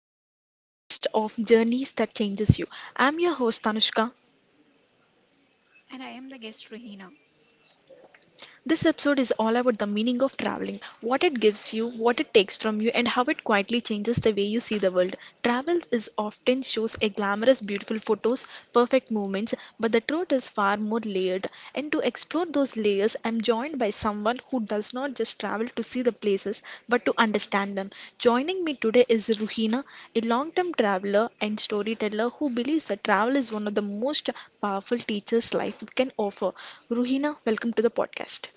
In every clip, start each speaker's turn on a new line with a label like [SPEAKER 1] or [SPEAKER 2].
[SPEAKER 1] welcome to the podcast of Journeys That Changes You. I'm your host Tanushka.
[SPEAKER 2] And I am the guest, Ruhina.
[SPEAKER 1] This episode is all about the meaning of traveling, what it gives you, what it takes from you, and how it quietly changes the way you see the world. Travel is often shows a glamorous, beautiful photos, perfect moments, but the truth is far more layered. And to explore those layers, I'm joined by someone who does not just travel to see the places but to understand them. Joining me today is Ruhina, a long term traveler and storyteller who believes that travel is one of the most powerful teachers life can offer. Ruhina, welcome to the podcast.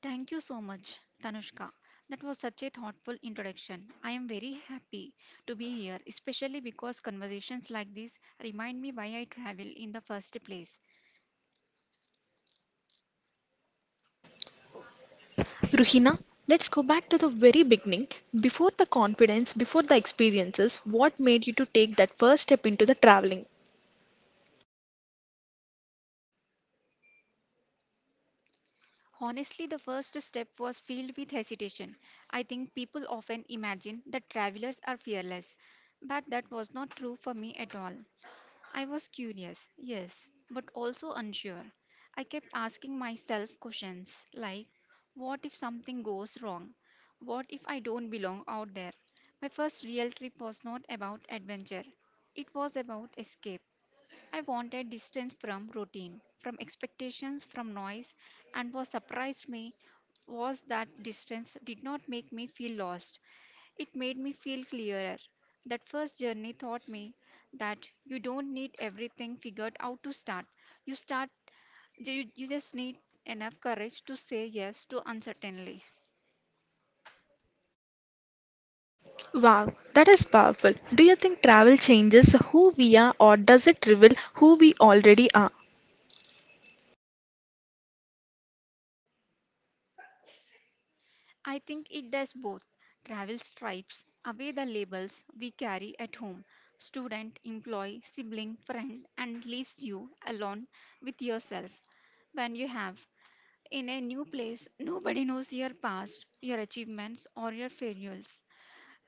[SPEAKER 2] Thank you so much, Tanushka. That was such a thoughtful introduction. I am very happy to be here, especially because conversations like this remind me why I travel in the first place.
[SPEAKER 1] Ruhina, let's go back to the very beginning. Before the confidence, before the experiences, what made you to take that first step into the traveling?
[SPEAKER 2] Honestly, the first step was filled with hesitation. I think people often imagine that travelers are fearless, but that was not true for me at all. I was curious, yes, but also unsure. I kept asking myself questions like, what if something goes wrong? What if I don't belong out there? My first real trip was not about adventure, it was about escape. I wanted distance from routine, from expectations, from noise, and what surprised me was that distance did not make me feel lost. It made me feel clearer. That first journey taught me that you don't need everything figured out to start. You start you just need enough courage to say yes to uncertainty.
[SPEAKER 1] Wow, that is powerful. Do you think travel changes who we are or does it reveal who we already are?
[SPEAKER 2] I think it does both. Travel stripes away the labels we carry at home student, employee, sibling, friend, and leaves you alone with yourself. When you have in a new place, nobody knows your past, your achievements, or your failures.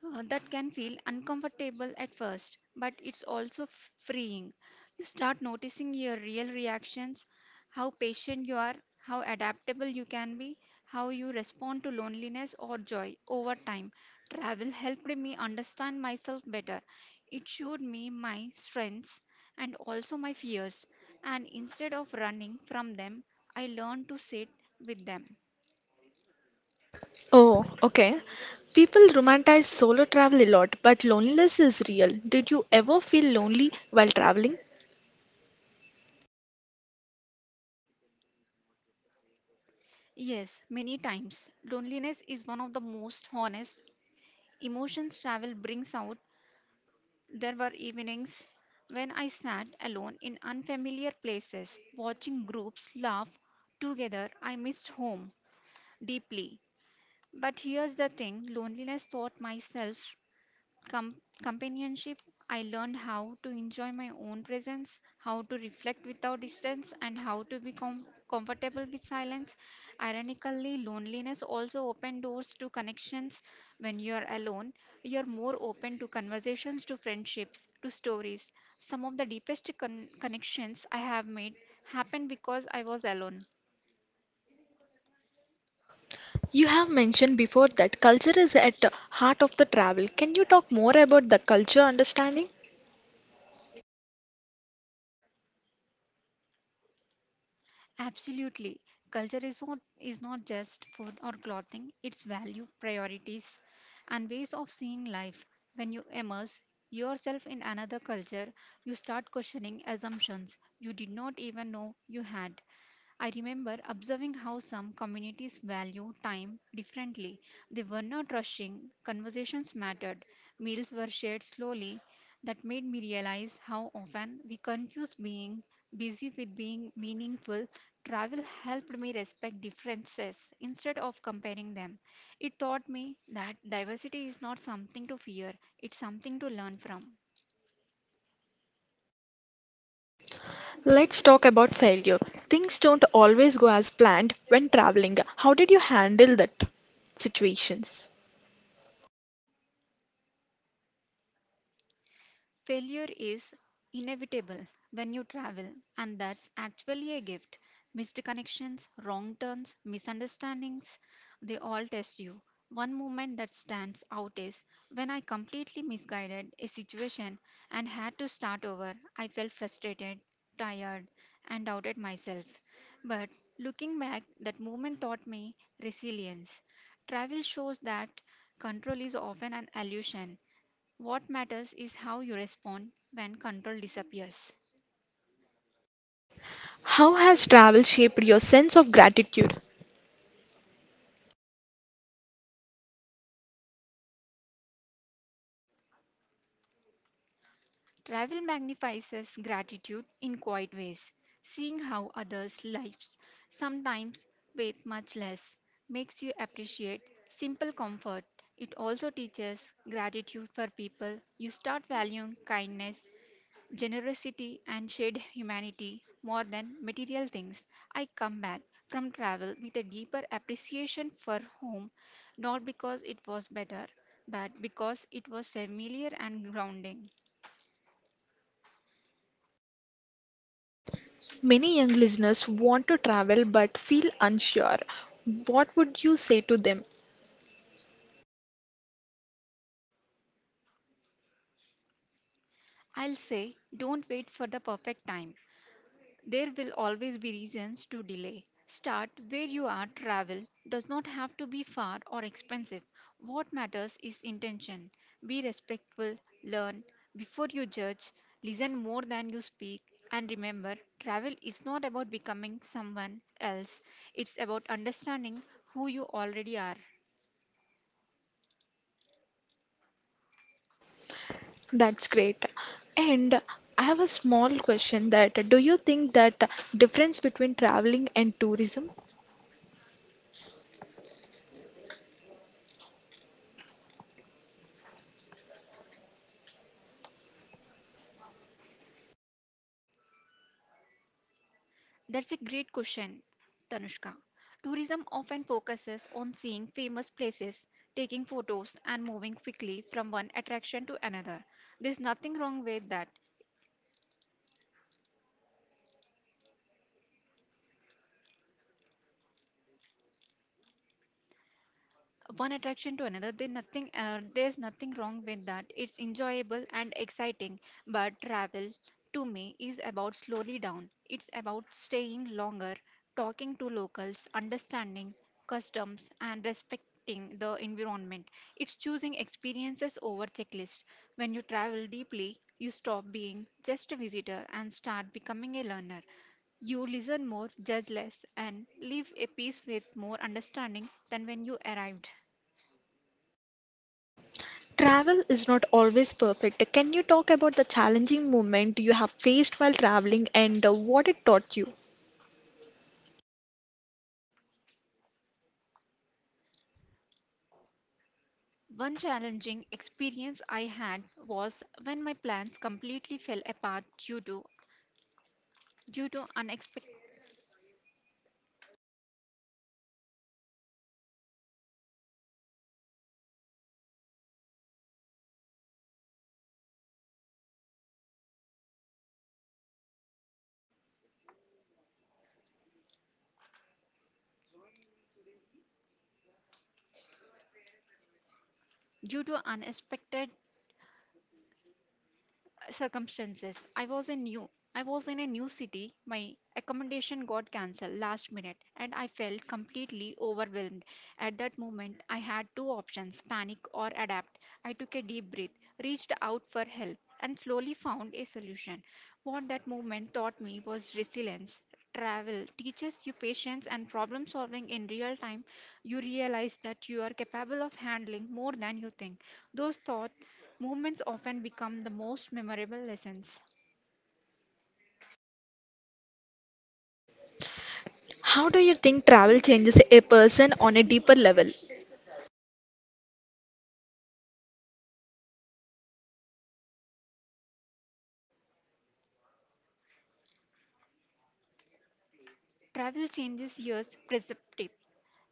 [SPEAKER 2] That can feel uncomfortable at first, but it's also freeing. You start noticing your real reactions, how patient you are, how adaptable you can be, how you respond to loneliness or joy over time. Travel helped me understand myself better. It showed me my strengths and also my fears, and instead of running from them, I learned to sit with them.
[SPEAKER 1] Oh, okay. People romanticize solo travel a lot, but loneliness is real. Did you ever feel lonely while traveling?
[SPEAKER 2] Yes, many times. Loneliness is one of the most honest emotions travel brings out. There were evenings when I sat alone in unfamiliar places, watching groups laugh together. I missed home deeply. But here's the thing loneliness taught myself companionship. I learned how to enjoy my own presence, how to reflect without distance, and how to be comfortable with silence. Ironically, loneliness also opened doors to connections. When you are alone, you are more open to conversations, to friendships, to stories. Some of the deepest connections I have made happened because I was alone.
[SPEAKER 1] You have mentioned before that culture is at the heart of the travel. Can you talk more about the culture understanding?
[SPEAKER 2] Absolutely. Culture is not just food or clothing, it's value, priorities, and ways of seeing life. When you immerse yourself in another culture, you start questioning assumptions you did not even know you had. I remember observing how some communities value time differently. They were not rushing, conversations mattered, meals were shared slowly. That made me realize how often we confuse being busy with being meaningful. Travel helped me respect differences instead of comparing them. It taught me that diversity is not something to fear, it's something to learn from.
[SPEAKER 1] Let's talk about failure. Things don't always go as planned when traveling. How did you handle that situations?
[SPEAKER 2] Failure is inevitable when you travel, and that's actually a gift. Missed connections, wrong turns, misunderstandings, they all test you. One moment that stands out is when I completely misguided a situation and had to start over. I felt frustrated, tired, and doubted myself. But looking back, that moment taught me resilience. Travel shows that control is often an illusion. What matters is how you respond when control disappears.
[SPEAKER 1] How has travel shaped your sense of gratitude?
[SPEAKER 2] Travel magnifies us gratitude in quiet ways. Seeing how others' lives, sometimes with much less, makes you appreciate simple comfort. It also teaches gratitude for people. You start valuing kindness generosity and shared humanity more than material things. I come back from travel with a deeper appreciation for home, not because it was better, but because it was familiar and grounding.
[SPEAKER 1] Many young listeners want to travel but feel unsure. What would you say to them?
[SPEAKER 2] I'll say, don't wait for the perfect time. There will always be reasons to delay. Start where you are. Travel does not have to be far or expensive. What matters is intention. Be respectful, learn before you judge, listen more than you speak, and remember travel is not about becoming someone else, it's about understanding who you already are.
[SPEAKER 1] That's great. And I have a small question that do you think that difference between traveling and tourism?
[SPEAKER 2] That's a great question, Tanushka. Tourism often focuses on seeing famous places, taking photos, and moving quickly from one attraction to another. There's nothing wrong with that. One attraction to another there nothing there's nothing wrong with that. It's enjoyable and exciting, but travel to me is about slowly down. It's about staying longer, talking to locals, understanding customs, and respecting the environment. It's choosing experiences over checklist. When you travel deeply, you stop being just a visitor and start becoming a learner. You listen more, judge less, and leave a peace with more understanding than when you arrived.
[SPEAKER 1] Travel is not always perfect. Can you talk about the challenging moment you have faced while traveling and what it taught you?
[SPEAKER 2] One challenging experience I had was when my plans completely fell apart due to unexpected due to unexpected circumstances. I was in a new city. My accommodation got cancelled last minute and I felt completely overwhelmed. At that moment, I had two options, panic or adapt. I took a deep breath, reached out for help, and slowly found a solution. What that movement taught me was resilience. Travel teaches you patience and problem solving in real time. You realize that you are capable of handling more than you think. Those thought movements often become the most memorable lessons.
[SPEAKER 1] How do you think travel changes a person on a deeper level?
[SPEAKER 2] Travel changes your perspective.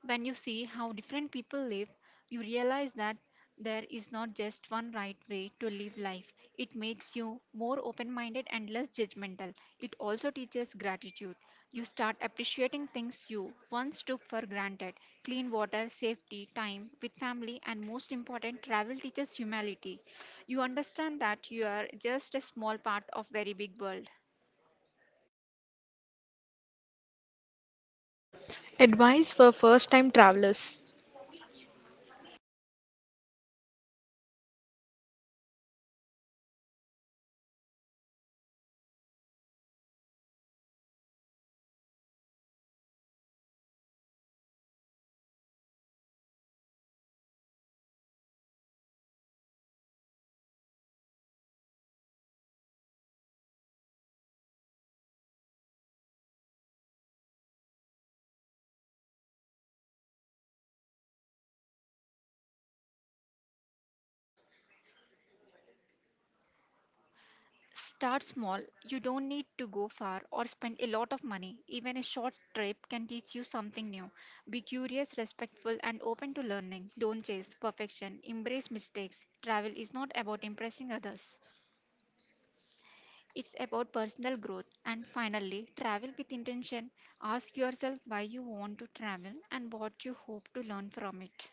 [SPEAKER 2] When you see how different people live, you realize that there is not just one right way to live life. It makes you more open minded and less judgmental. It also teaches gratitude. You start appreciating things you once took for granted clean water, safety, time with family, and most important, travel teaches humility. You understand that you are just a small part of very big world.
[SPEAKER 1] Advice for first time travelers.
[SPEAKER 2] Start small. You don't need to go far or spend a lot of money. Even a short trip can teach you something new. Be curious, respectful, and open to learning. Don't chase perfection. Embrace mistakes. Travel is not about impressing others, it's about personal growth. And finally, travel with intention. Ask yourself why you want to travel and what you hope to learn from it.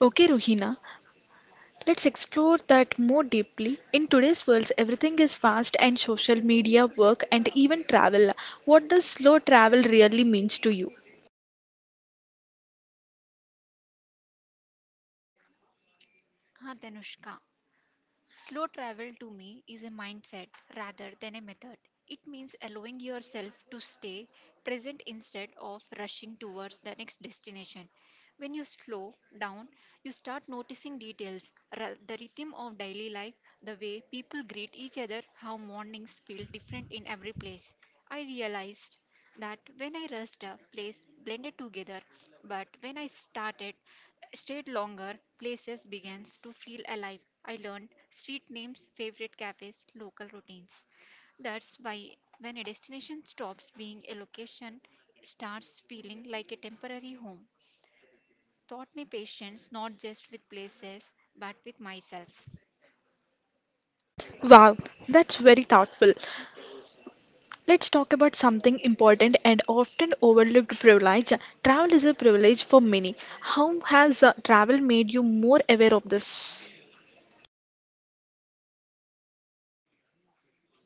[SPEAKER 1] Okay, Ruhina, let's explore that more deeply. In today's world, everything is fast and social media, work, and even travel. What does slow travel really means to you?
[SPEAKER 2] Ah, Danushka. Slow travel to me is a mindset rather than a method. It means allowing yourself to stay present instead of rushing towards the next destination. When you slow down, you start noticing details, the rhythm of daily life, the way people greet each other, how mornings feel different in every place. I realized that when I rushed a place blended together, but when I started stayed longer, places begins to feel alive. I learned street names, favorite cafes, local routines. That's why when a destination stops being a location, it starts feeling like a temporary home. Taught me patience not just with places but with myself.
[SPEAKER 1] Wow, that's very thoughtful. Let's talk about something important and often overlooked privilege. Travel is a privilege for many. How has travel made you more aware of this?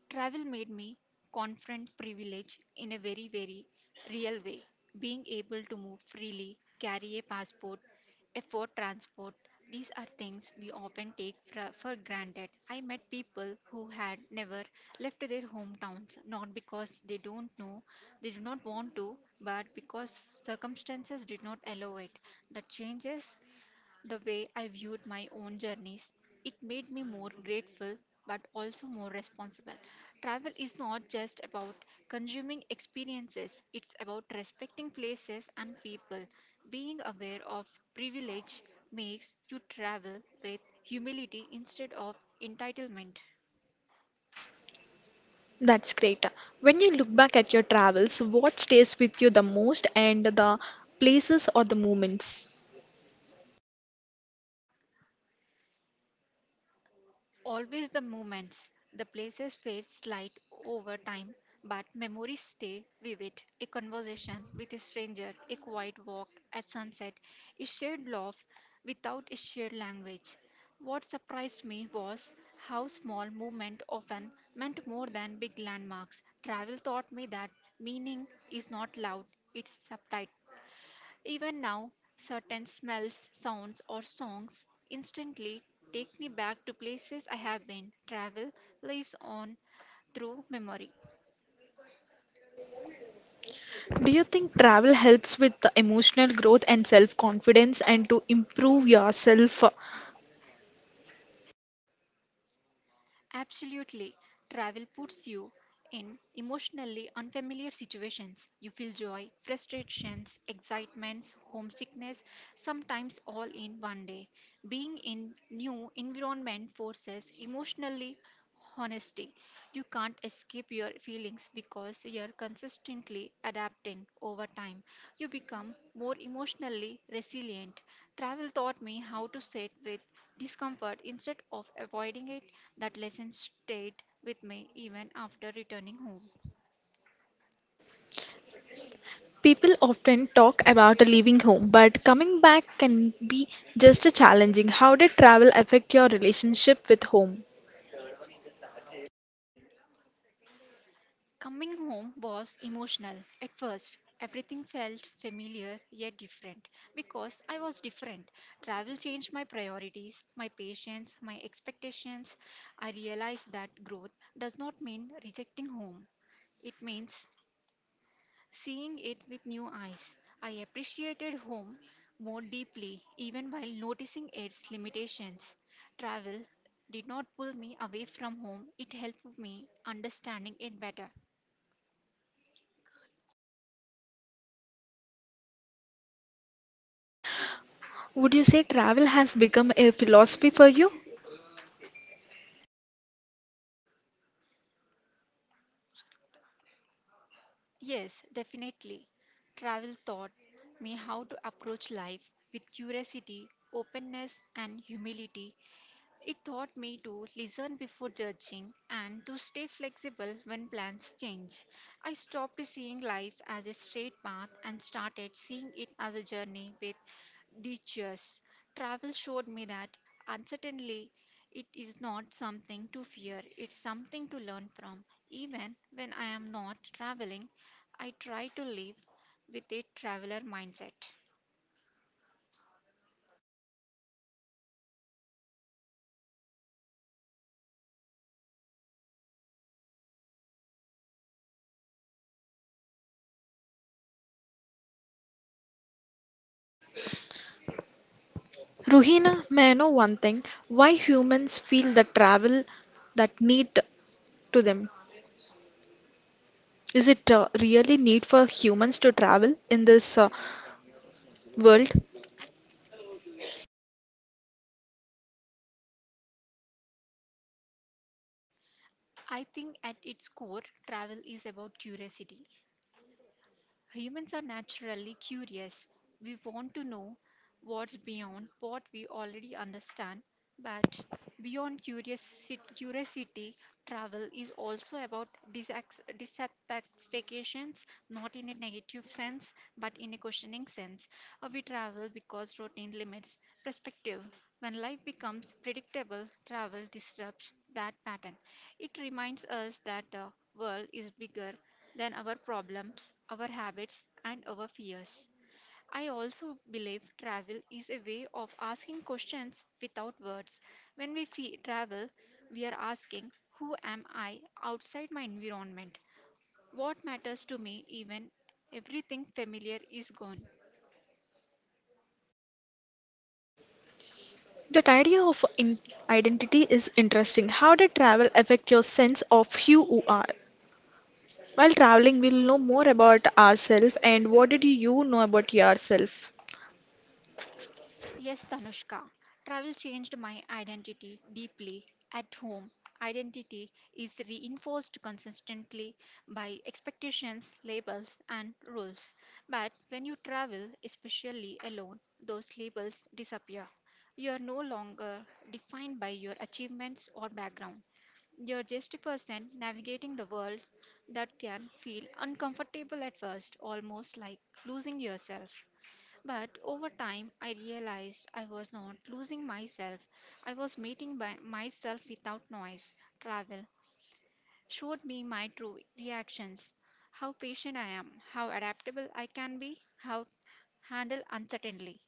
[SPEAKER 2] Travel made me confront privilege in a very, very real way. Being able to move freely, carry a passport, afford transport, these are things we often take for granted. I met people who had never left their hometowns, not because they don't know, they do not want to, but because circumstances did not allow it. The changes the way I viewed my own journeys. It made me more grateful but also more responsible. Travel is not just about consuming experiences, it's about respecting places and people. Being aware of privilege makes you travel with humility instead of entitlement.
[SPEAKER 1] That's great. When you look back at your travels, what stays with you the most and the places or the moments?
[SPEAKER 2] Always the moments, the places fade slight over time, but memories stay vivid. A conversation with a stranger, a quiet walk at sunset, a shared laugh without a shared language. What surprised me was how small movement often meant more than big landmarks. Travel taught me that meaning is not loud, it's subtle. Even now, certain smells, sounds, or songs instantly take me back to places I have been. Travel lives on through memory.
[SPEAKER 1] Do you think travel helps with the emotional growth and self confidence and to improve yourself?
[SPEAKER 2] Absolutely, travel puts you in emotionally unfamiliar situations. You feel joy, frustrations, excitements, homesickness, sometimes all in one day. Being in new environment forces emotionally honesty. You can't escape your feelings because you're consistently adapting over time. You become more emotionally resilient. Travel taught me how to sit with discomfort instead of avoiding it. That lesson stayed with me even after returning home.
[SPEAKER 1] People often talk about leaving home, but coming back can be just as challenging. How did travel affect your relationship with home?
[SPEAKER 2] Coming home was emotional. At first, everything felt familiar yet different because I was different. Travel changed my priorities, my patience, my expectations. I realized that growth does not mean rejecting home, it means seeing it with new eyes. I appreciated home more deeply even while noticing its limitations. Travel did not pull me away from home, it helped me understanding it better.
[SPEAKER 1] Would you say travel has become a philosophy for you?
[SPEAKER 2] Yes, definitely. Travel taught me how to approach life with curiosity, openness, and humility it taught me to listen before judging and to stay flexible when plans change. I stopped seeing life as a straight path and started seeing it as a journey with detours. Travel showed me that uncertainty it is not something to fear, it's something to learn from. Even when I am not traveling, I try to live with a traveler mindset.
[SPEAKER 1] Ruhina, may I know one thing? Why humans feel the travel that need to them? Is it really need for humans to travel in this world?
[SPEAKER 2] I think at its core, travel is about curiosity. Humans are naturally curious. We want to know what's beyond what we already understand, but beyond curiosity, travel is also about dissatisfactions, not in a negative sense, but in a questioning sense. We travel because routine limits perspective. When life becomes predictable, travel disrupts that pattern. It reminds us that the world is bigger than our problems, our habits, and our fears. I also believe travel is a way of asking questions without words. When travel, we are asking, who am I outside my environment? What matters to me, even everything familiar is gone?
[SPEAKER 1] That idea of identity is interesting. How did travel affect your sense of who you are? While traveling, we'll know more about ourselves and what did you know about yourself?
[SPEAKER 2] Yes, Tanushka. Travel changed my identity deeply. At home, identity is reinforced consistently by expectations, labels, and rules. But when you travel, especially alone, those labels disappear. You are no longer defined by your achievements or background. You're just a person navigating the world that can feel uncomfortable at first, almost like losing yourself. But over time, I realized I was not losing myself. I was meeting by myself without noise. Travel showed me my true reactions, how patient I am, how adaptable I can be, how to handle uncertainty.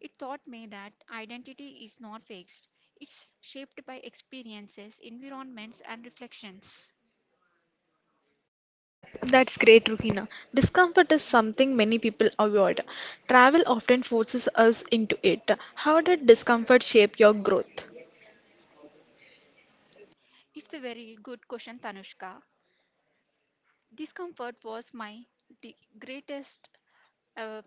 [SPEAKER 2] It taught me that identity is not fixed. It's shaped by experiences, environments, and reflections.
[SPEAKER 1] That's great, Ruhina. Discomfort is something many people avoid. Travel often forces us into it. How did discomfort shape your growth?
[SPEAKER 2] It's a very good question, Tanushka. Discomfort was my greatest uh,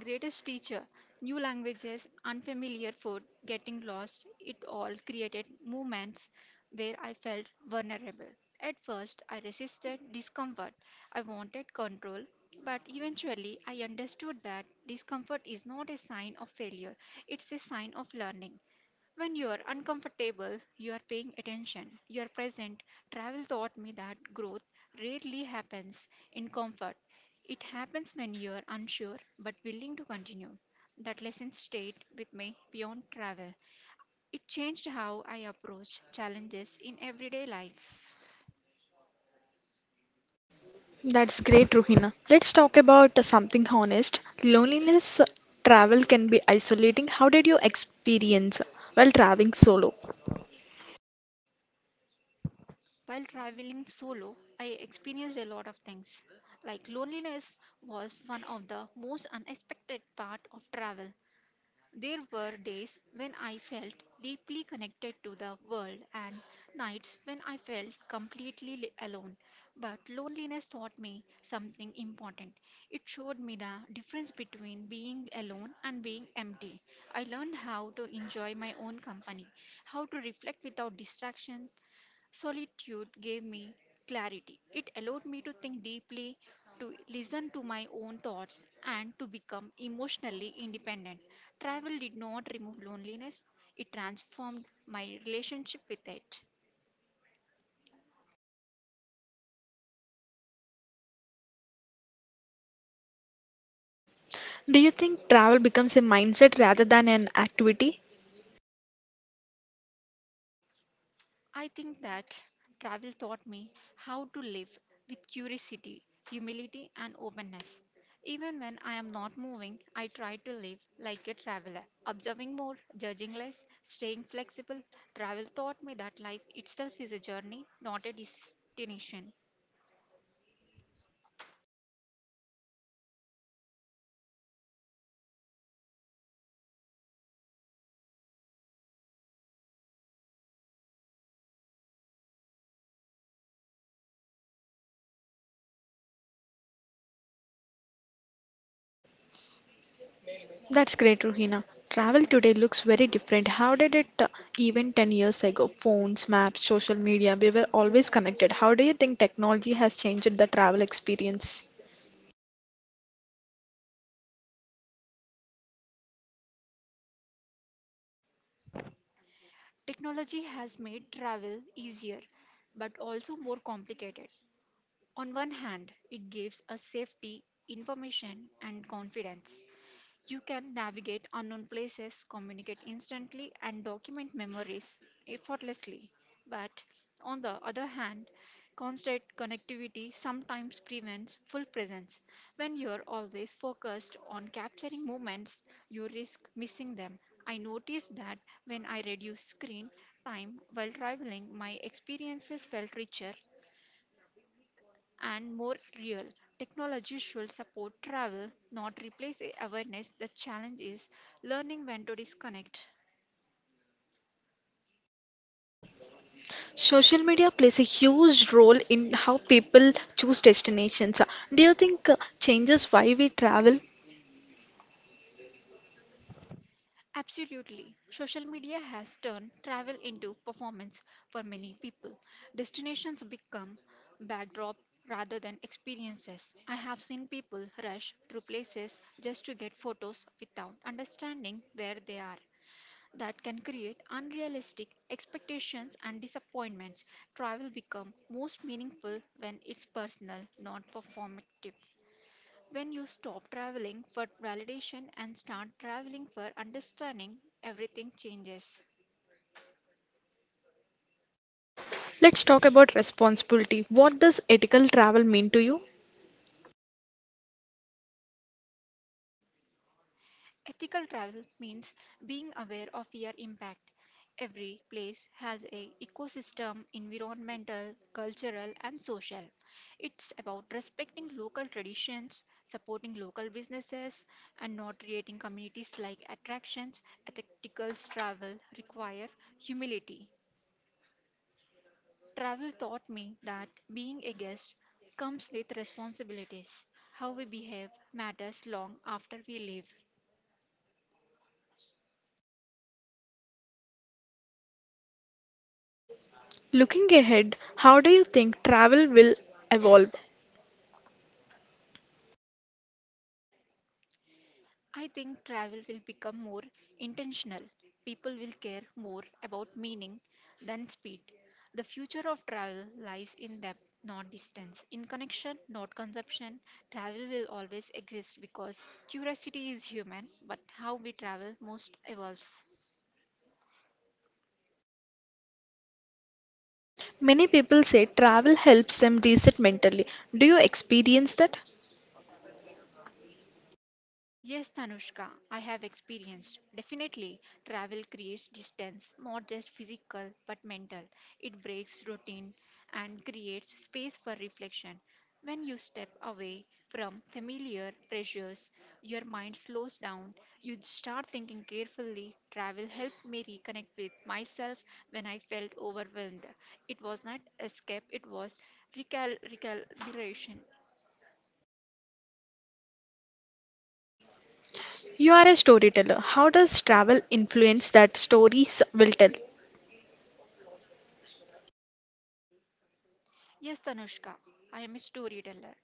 [SPEAKER 2] Greatest teacher, new languages, unfamiliar food, getting lost, it all created moments where I felt vulnerable. At first, I resisted discomfort. I wanted control, but eventually, I understood that discomfort is not a sign of failure, it's a sign of learning. When you are uncomfortable, you are paying attention, you are present. Travel taught me that growth rarely happens in comfort. It happens when you are unsure but willing to continue. That lesson stayed with me beyond travel. It changed how I approach challenges in everyday life.
[SPEAKER 1] That's great, Ruhina. Let's talk about something honest. Loneliness travel can be isolating. How did you experience while traveling solo?
[SPEAKER 2] While traveling solo, I experienced a lot of things. Like loneliness was one of the most unexpected part of travel. There were days when I felt deeply connected to the world and nights when I felt completely alone. But loneliness taught me something important. It showed me the difference between being alone and being empty. I learned how to enjoy my own company, how to reflect without distractions. Solitude gave me clarity. It allowed me to think deeply, to listen to my own thoughts, and to become emotionally independent. Travel did not remove loneliness, it transformed my relationship with it.
[SPEAKER 1] Do you think travel becomes a mindset rather than an activity?
[SPEAKER 2] I think that travel taught me how to live with curiosity, humility, and openness. Even when I am not moving, I try to live like a traveler, observing more, judging less, staying flexible. Travel taught me that life itself is a journey, not a destination.
[SPEAKER 1] That's great, Ruhina. Travel today looks very different. How did it even 10 years ago? Phones, maps, social media, we were always connected. How do you think technology has changed the travel experience?
[SPEAKER 2] Technology has made travel easier, but also more complicated. On one hand, it gives us safety, information, and confidence. You can navigate unknown places, communicate instantly, and document memories effortlessly. But on the other hand, constant connectivity sometimes prevents full presence. When you're always focused on capturing moments, you risk missing them. I noticed that when I reduced screen time while traveling, my experiences felt richer and more real. Technology should support travel, not replace awareness. The challenge is learning when to disconnect.
[SPEAKER 1] Social media plays a huge role in how people choose destinations. Do you think changes why we travel?
[SPEAKER 2] Absolutely. Social media has turned travel into performance for many people. Destinations become backdrop rather than experiences. I have seen people rush through places just to get photos without understanding where they are. That can create unrealistic expectations and disappointments. Travel becomes most meaningful when it's personal, not performative. When you stop traveling for validation and start traveling for understanding, everything changes.
[SPEAKER 1] Let's talk about responsibility. What does ethical travel mean to you?
[SPEAKER 2] Ethical travel means being aware of your impact. Every place has a ecosystem, environmental, cultural and social. It's about respecting local traditions, supporting local businesses and not creating communities like attractions. Ethical travel require humility. Travel taught me that being a guest comes with responsibilities. How we behave matters long after we leave.
[SPEAKER 1] Looking ahead, how do you think travel will evolve?
[SPEAKER 2] I think travel will become more intentional. People will care more about meaning than speed. The future of travel lies in depth, not distance. In connection, not consumption, travel will always exist because curiosity is human, but how we travel most evolves.
[SPEAKER 1] Many people say travel helps them reset mentally. Do you experience that?
[SPEAKER 2] Yes, Tanushka, I have experienced. Definitely, travel creates distance, not just physical but mental. It breaks routine and creates space for reflection. When you step away from familiar pressures, your mind slows down. You start thinking carefully. Travel helped me reconnect with myself when I felt overwhelmed. It was not escape, it was recalibration.
[SPEAKER 1] You are a storyteller. How does travel influence that stories will tell?
[SPEAKER 2] Yes, Tanushka, I am a storyteller.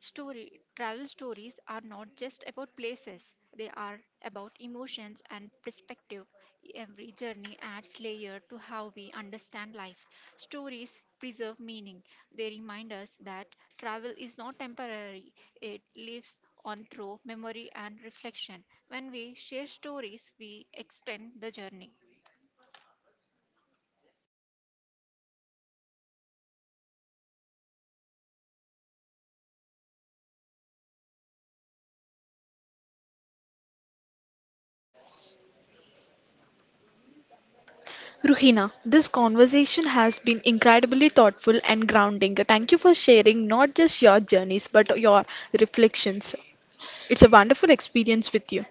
[SPEAKER 2] Story Travel stories are not just about places, they are about emotions and perspective. Every journey adds layer to how we understand life. Stories preserve meaning. They remind us that travel is not temporary. It lives on through memory and reflection. When we share stories, we extend the journey.
[SPEAKER 1] Ruhina, this conversation has been incredibly thoughtful and grounding. Thank you for sharing not just your journeys but your reflections. It's a wonderful experience with you.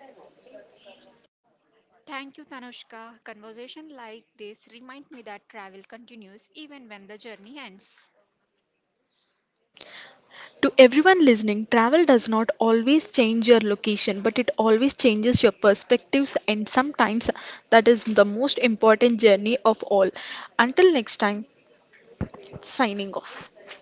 [SPEAKER 2] Thank you, Tanushka. Conversation like this remind me that travel continues even when the journey ends.
[SPEAKER 1] To everyone listening, travel does not always change your location, but it always changes your perspectives, and sometimes that is the most important journey of all. Until next time, signing off.